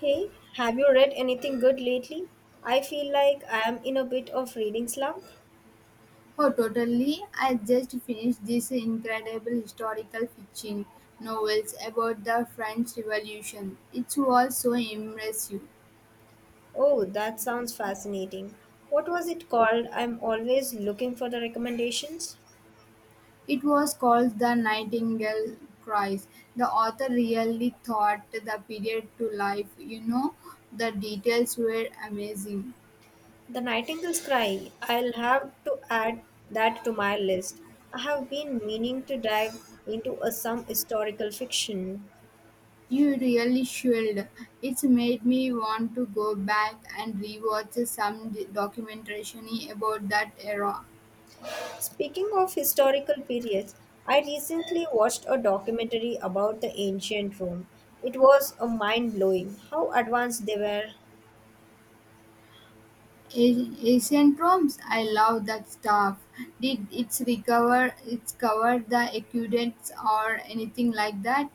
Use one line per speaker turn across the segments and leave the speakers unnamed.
Hey, have you read anything good lately? I feel like I am in a bit of reading slump.
Oh, totally. I just finished this incredible historical fiction novels about the French Revolution. It was so immersive.
Oh, that sounds fascinating. What was it called? I'm always looking for the recommendations.
It was called The Nightingale Cries. The author really thought the period to life. The details were amazing.
The Nightingale's Cry. I'll have to add that to my list. I have been meaning to dive into a, some historical fiction.
You really should. It's made me want to go back and rewatch some documentary about that era.
Speaking of historical periods, I recently watched a documentary about the ancient Rome. It was a mind blowing how advanced they were.
Ancient Rome's I love that stuff. Did it's recover it's cover the aqueducts or anything like that?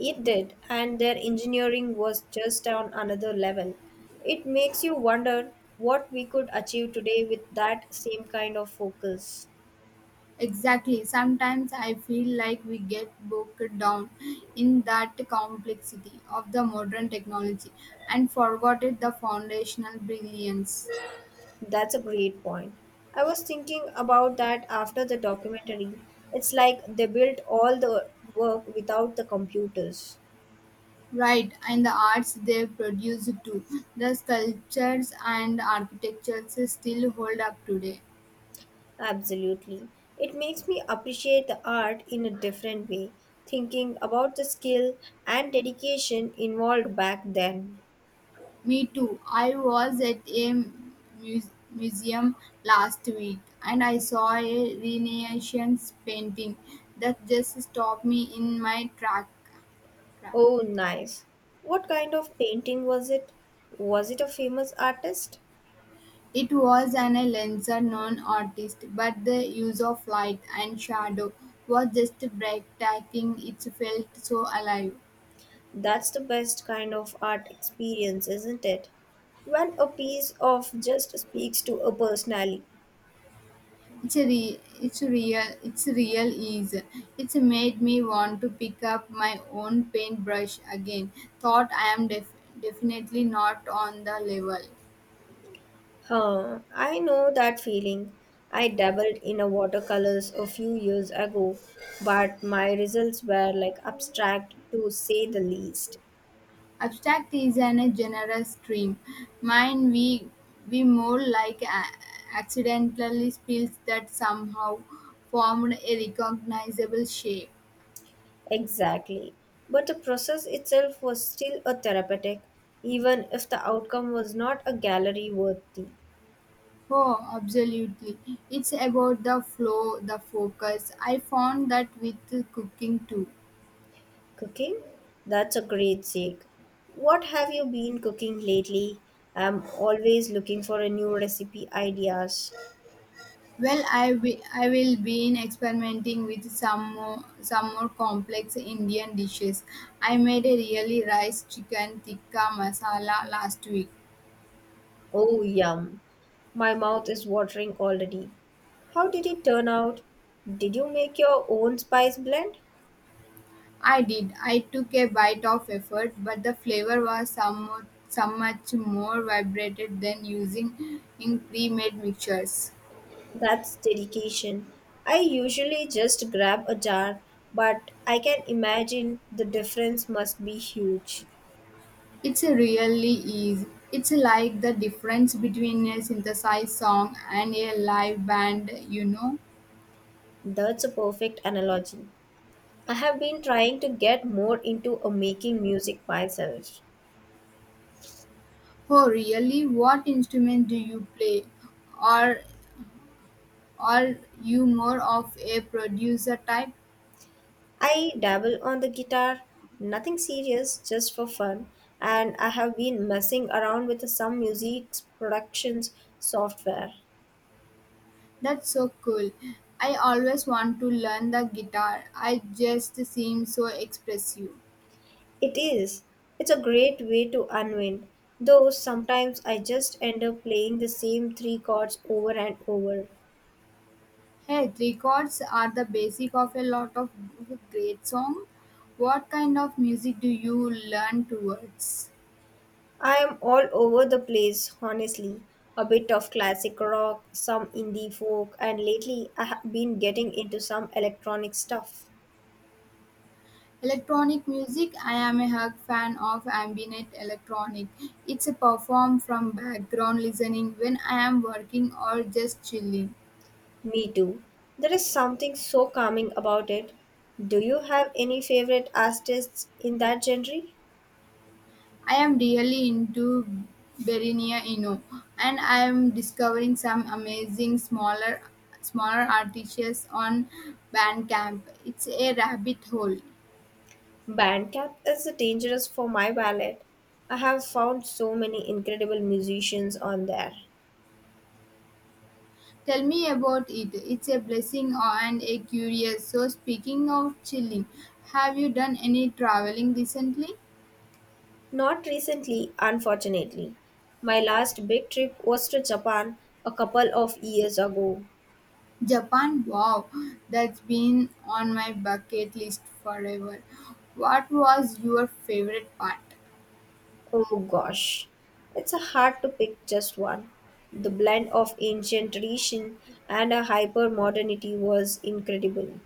It did, and their engineering was just on another level. It makes you wonder what we could achieve today with that same kind of focus.
Exactly. Sometimes I feel like we get bogged down in that complexity of the modern technology and forgotten the foundational brilliance.
That's a great point. I was thinking about that after the documentary. It's like they built all the work without the computers.
Right, and the arts they produce too. The sculptures and architectures still hold up today.
Absolutely. It makes me appreciate the art in a different way, thinking about the skill and dedication involved back then.
Me too. I was at a museum last week and I saw a Renaissance painting that just stopped me in my track.
Oh, nice. What kind of painting was it? Was it a famous artist?
It was an a lesser known artist, but the use of light and shadow was just breathtaking. It felt so alive.
That's the best kind of art experience, isn't it? When a piece of just speaks to a personality.
It's a re- it's a real ease. It's made me want to pick up my own paintbrush again. Thought I am definitely not on the level.
Huh, I know that feeling. I dabbled in a watercolors a few years ago, but my results were like abstract to say the least.
Abstract is an a generous stream. Mine we more like accidentally spills that somehow formed a recognizable shape.
Exactly. But the process itself was still a therapeutic, even if the outcome was not a gallery worthy.
Oh, absolutely. It's about the flow, the focus. I found that with cooking too.
Cooking? That's a great sake. What have you been cooking lately? I'm always looking for a new recipe ideas.
Well, I will be in experimenting with some more complex Indian dishes. I made a really rice chicken tikka masala last week.
Oh, yum. My mouth is watering already. How did it turn out? Did you make your own spice blend?
I did. I took a bite of effort, but the flavor was some much more vibrated than using in pre-made mixtures.
That's dedication. I usually just grab a jar, but I can imagine the difference must be huge.
It's a really easy. It's like the difference between a synthesized song and a live band, you know.
That's a perfect analogy. I have been trying to get more into a making music myself.
Oh really? What instrument do you play? Or are you more of a producer type?
I dabble on the guitar, nothing serious, just for fun, and I have been messing around with some music productions software.
That's so cool. I always want to learn the guitar. I just seem so expressive.
It is. It's a great way to unwind, though sometimes I just end up playing the same three chords over and over.
Hey, three chords are the basic of a lot of great song. What kind of music do you learn towards?
I am all over the place, honestly. A bit of classic rock, some indie folk, and lately I have been getting into some electronic stuff.
Electronic music I am a hug fan of ambient electronic. It's a perform from background listening when I am working or just chilling.
Me too. There is something so calming about it. Do you have any favorite artists in that genre?
I am really into Berenia Eno and I am discovering some amazing smaller artists on Bandcamp. It's a rabbit hole.
Bandcamp is dangerous for my wallet. I have found so many incredible musicians on there.
Tell me about it. It's a blessing and a curious. So speaking of chilling, have you done any traveling recently?
Not recently, unfortunately. My last big trip was to Japan a couple of years ago.
Japan, wow, that's been on my bucket list forever. What was your favorite part?
Oh gosh, it's hard to pick just one. The blend of ancient tradition and a hyper modernity was incredible.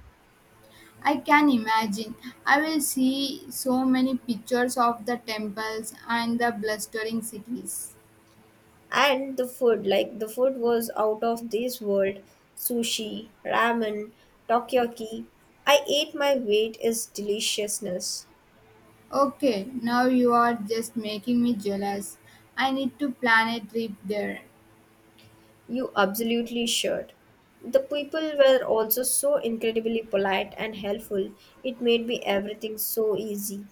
I can imagine. I will see so many pictures of the temples and the blustering cities.
And the food, like, the food was out of this world. Sushi, ramen, takoyaki, I ate my weight is deliciousness.
Okay, now you are just making me jealous. I need to plan a trip there.
You absolutely should. The people were also so incredibly polite and helpful. It made me everything so easy.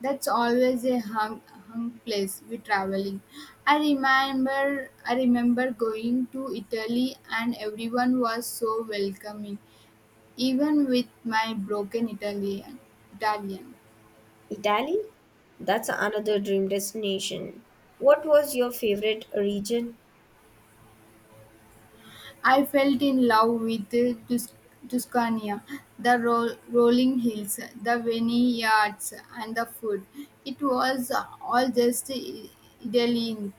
That's always a hung place with traveling. I remember going to Italy and everyone was so welcoming, even with my broken Italian.
Italy, that's another dream destination. What was your favorite region?
I felt in love with the Tuscania, the rolling hills, the vineyards, and the food. It was all just Italy.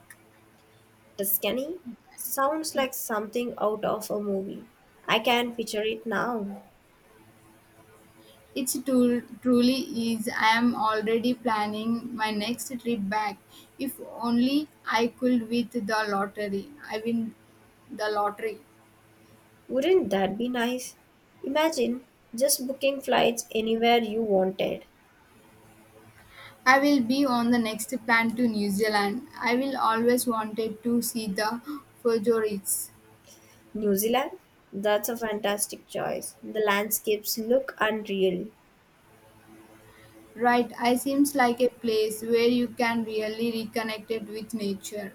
Tuscany sounds like something out of a movie. I can picture it now.
It's tool truly is. I am already planning my next trip back. If only I could with the lottery. I win the lottery.
Wouldn't that be nice? Imagine just booking flights anywhere you wanted.
I will be on the next plan to New Zealand. I will always wanted to see the Fujoris.
New Zealand? That's a fantastic choice. The landscapes look unreal.
Right, I seems like a place where you can really reconnect it with nature.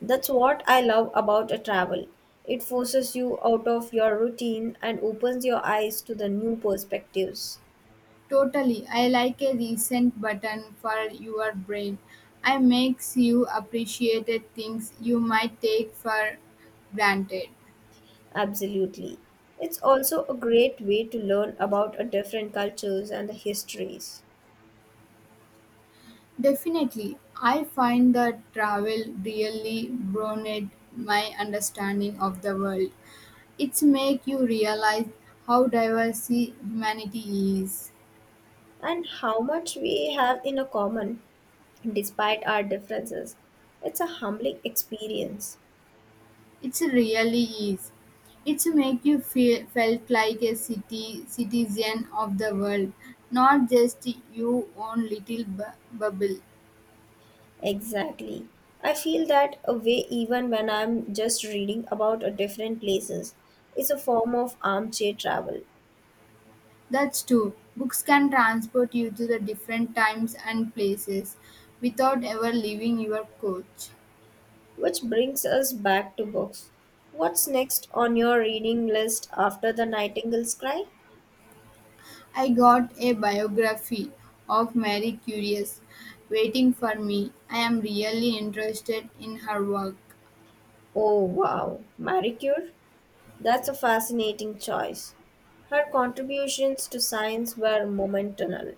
That's what I love about a travel. It forces you out of your routine and opens your eyes to the new perspectives.
Totally. I like a reset button for your brain. I makes you appreciate things you might take for granted.
Absolutely. It's also a great way to learn about a different cultures and the histories,
Definitely. I find that travel really broadened my understanding of the world. It's make you realize how diverse humanity is.
and how much we have in a common despite our differences. It's a humbling experience.
It's really is. It's make you feel felt like a city citizen of the world, not just your own little bubble.
Exactly. I feel that a way even when I'm just reading about a different places. It's a form of armchair travel,
That's true. Books can transport you to the different times and places without ever leaving your coach.
which brings us back to books. What's next on your reading list after The Nightingale's Cry?
I got a biography of Mary Curious waiting for me. I am really interested in her work.
Oh wow, Marie Curie? That's a fascinating choice. Her contributions to science were monumental.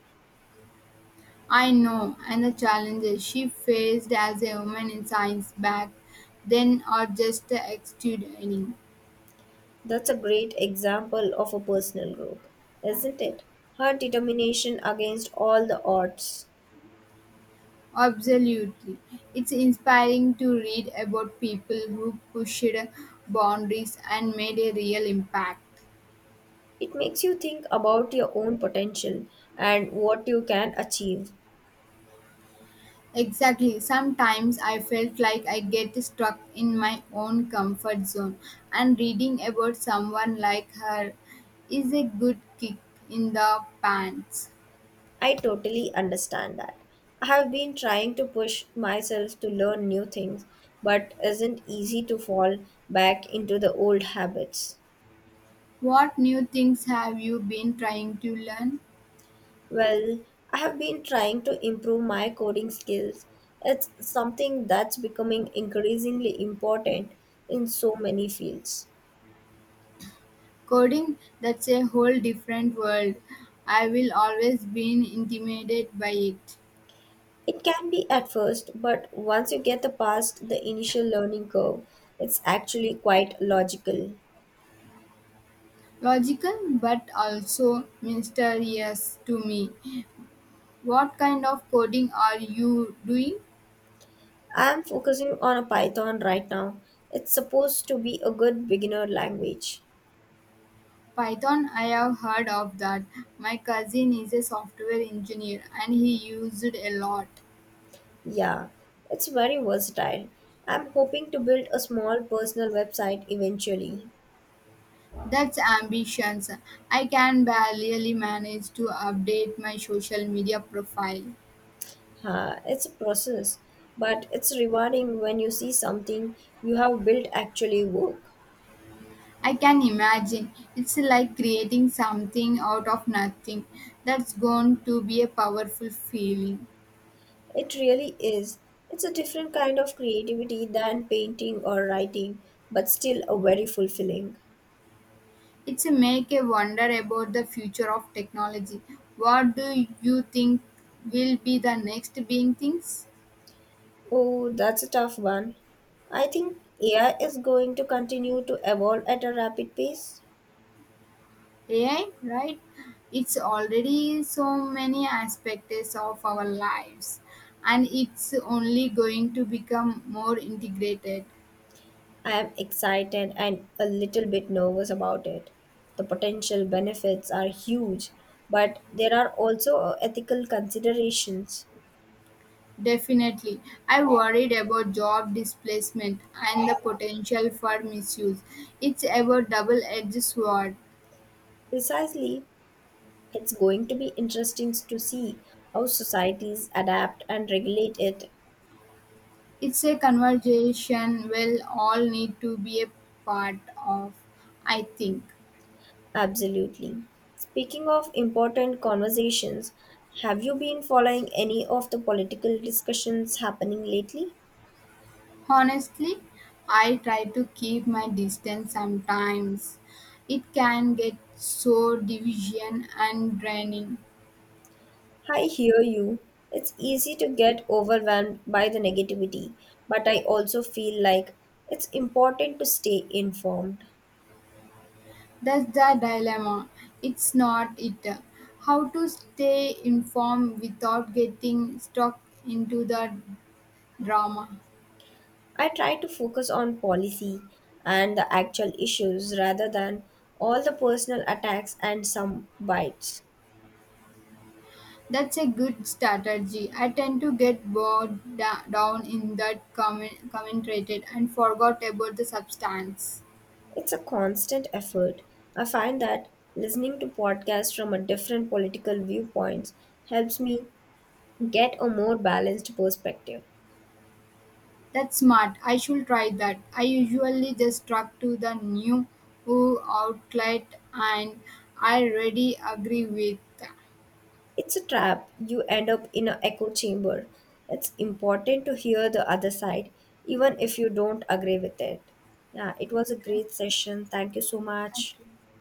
I know, and the challenges she faced as a woman in science back then are just extraordinary.
That's a great example of a personal growth, isn't it? Her determination against all the odds.
Absolutely. It's inspiring to read about people who pushed boundaries and made a real impact.
It makes you think about your own potential and what you can achieve.
Exactly. Sometimes I felt like I get stuck in my own comfort zone, and reading about someone like her is a good kick in the pants.
I totally understand that. I have been trying to push myself to learn new things, but isn't easy to fall back into the old habits.
What new things have you been trying to learn?
Well, I have been trying to improve my coding skills. It's something that's becoming increasingly important in so many fields.
Coding, that's a whole different world. I will always been intimidated by it.
It can be at first, but once you get the past the initial learning curve, it's actually quite logical.
Logical but also mysterious to me. What kind of coding are you doing?
I am focusing on a Python right now. It's supposed to be a good beginner language.
Python, I have heard of that. My cousin is a software engineer and he used it a lot.
Yeah, it's very versatile. I'm hoping to build a small personal website eventually.
That's ambitions. I can barely manage to update my social media profile.
Ha, it's a process, but it's rewarding when you see something you have built actually work.
I can imagine. It's like creating something out of nothing. That's going to be a powerful feeling.
It really is. It's a different kind of creativity than painting or writing, but still a very fulfilling.
It's a make a wonder about the future of technology. What do you think will be the next being things?
Oh, that's a tough one. I think AI is going to continue to evolve at a rapid pace.
AI, right? It's already so many aspects of our lives and it's only going to become more integrated.
I am excited and a little bit nervous about it. The potential benefits are huge, but there are also ethical considerations.
Definitely. I worried about job displacement and the potential for misuse. It's about double edged sword.
Precisely, it's going to be interesting to see how societies adapt and regulate it.
It's a conversation we'll all need to be a part of, I think.
Absolutely. Speaking of important conversations, have you been following any of the political discussions happening lately?
Honestly, I try to keep my distance sometimes. It can get so division and draining.
I hear you. It's easy to get overwhelmed by the negativity, but I also feel like it's important to stay informed.
That's the dilemma. It's not it. How to stay informed without getting stuck into the drama.
I try to focus on policy and the actual issues rather than all the personal attacks and some bites.
That's a good strategy. I tend to get bogged down in that commentated and forgot about the substance.
It's a constant effort. I find that listening to podcasts from a different political viewpoints helps me get a more balanced perspective.
That's smart. I should try that. I usually just truck to the new outlet and I already agree with.
It's a trap. You end up in an echo chamber. It's important to hear the other side even if you don't agree with it. Yeah, it was a
Okay,
great session. Thank you so
thank
much.
you.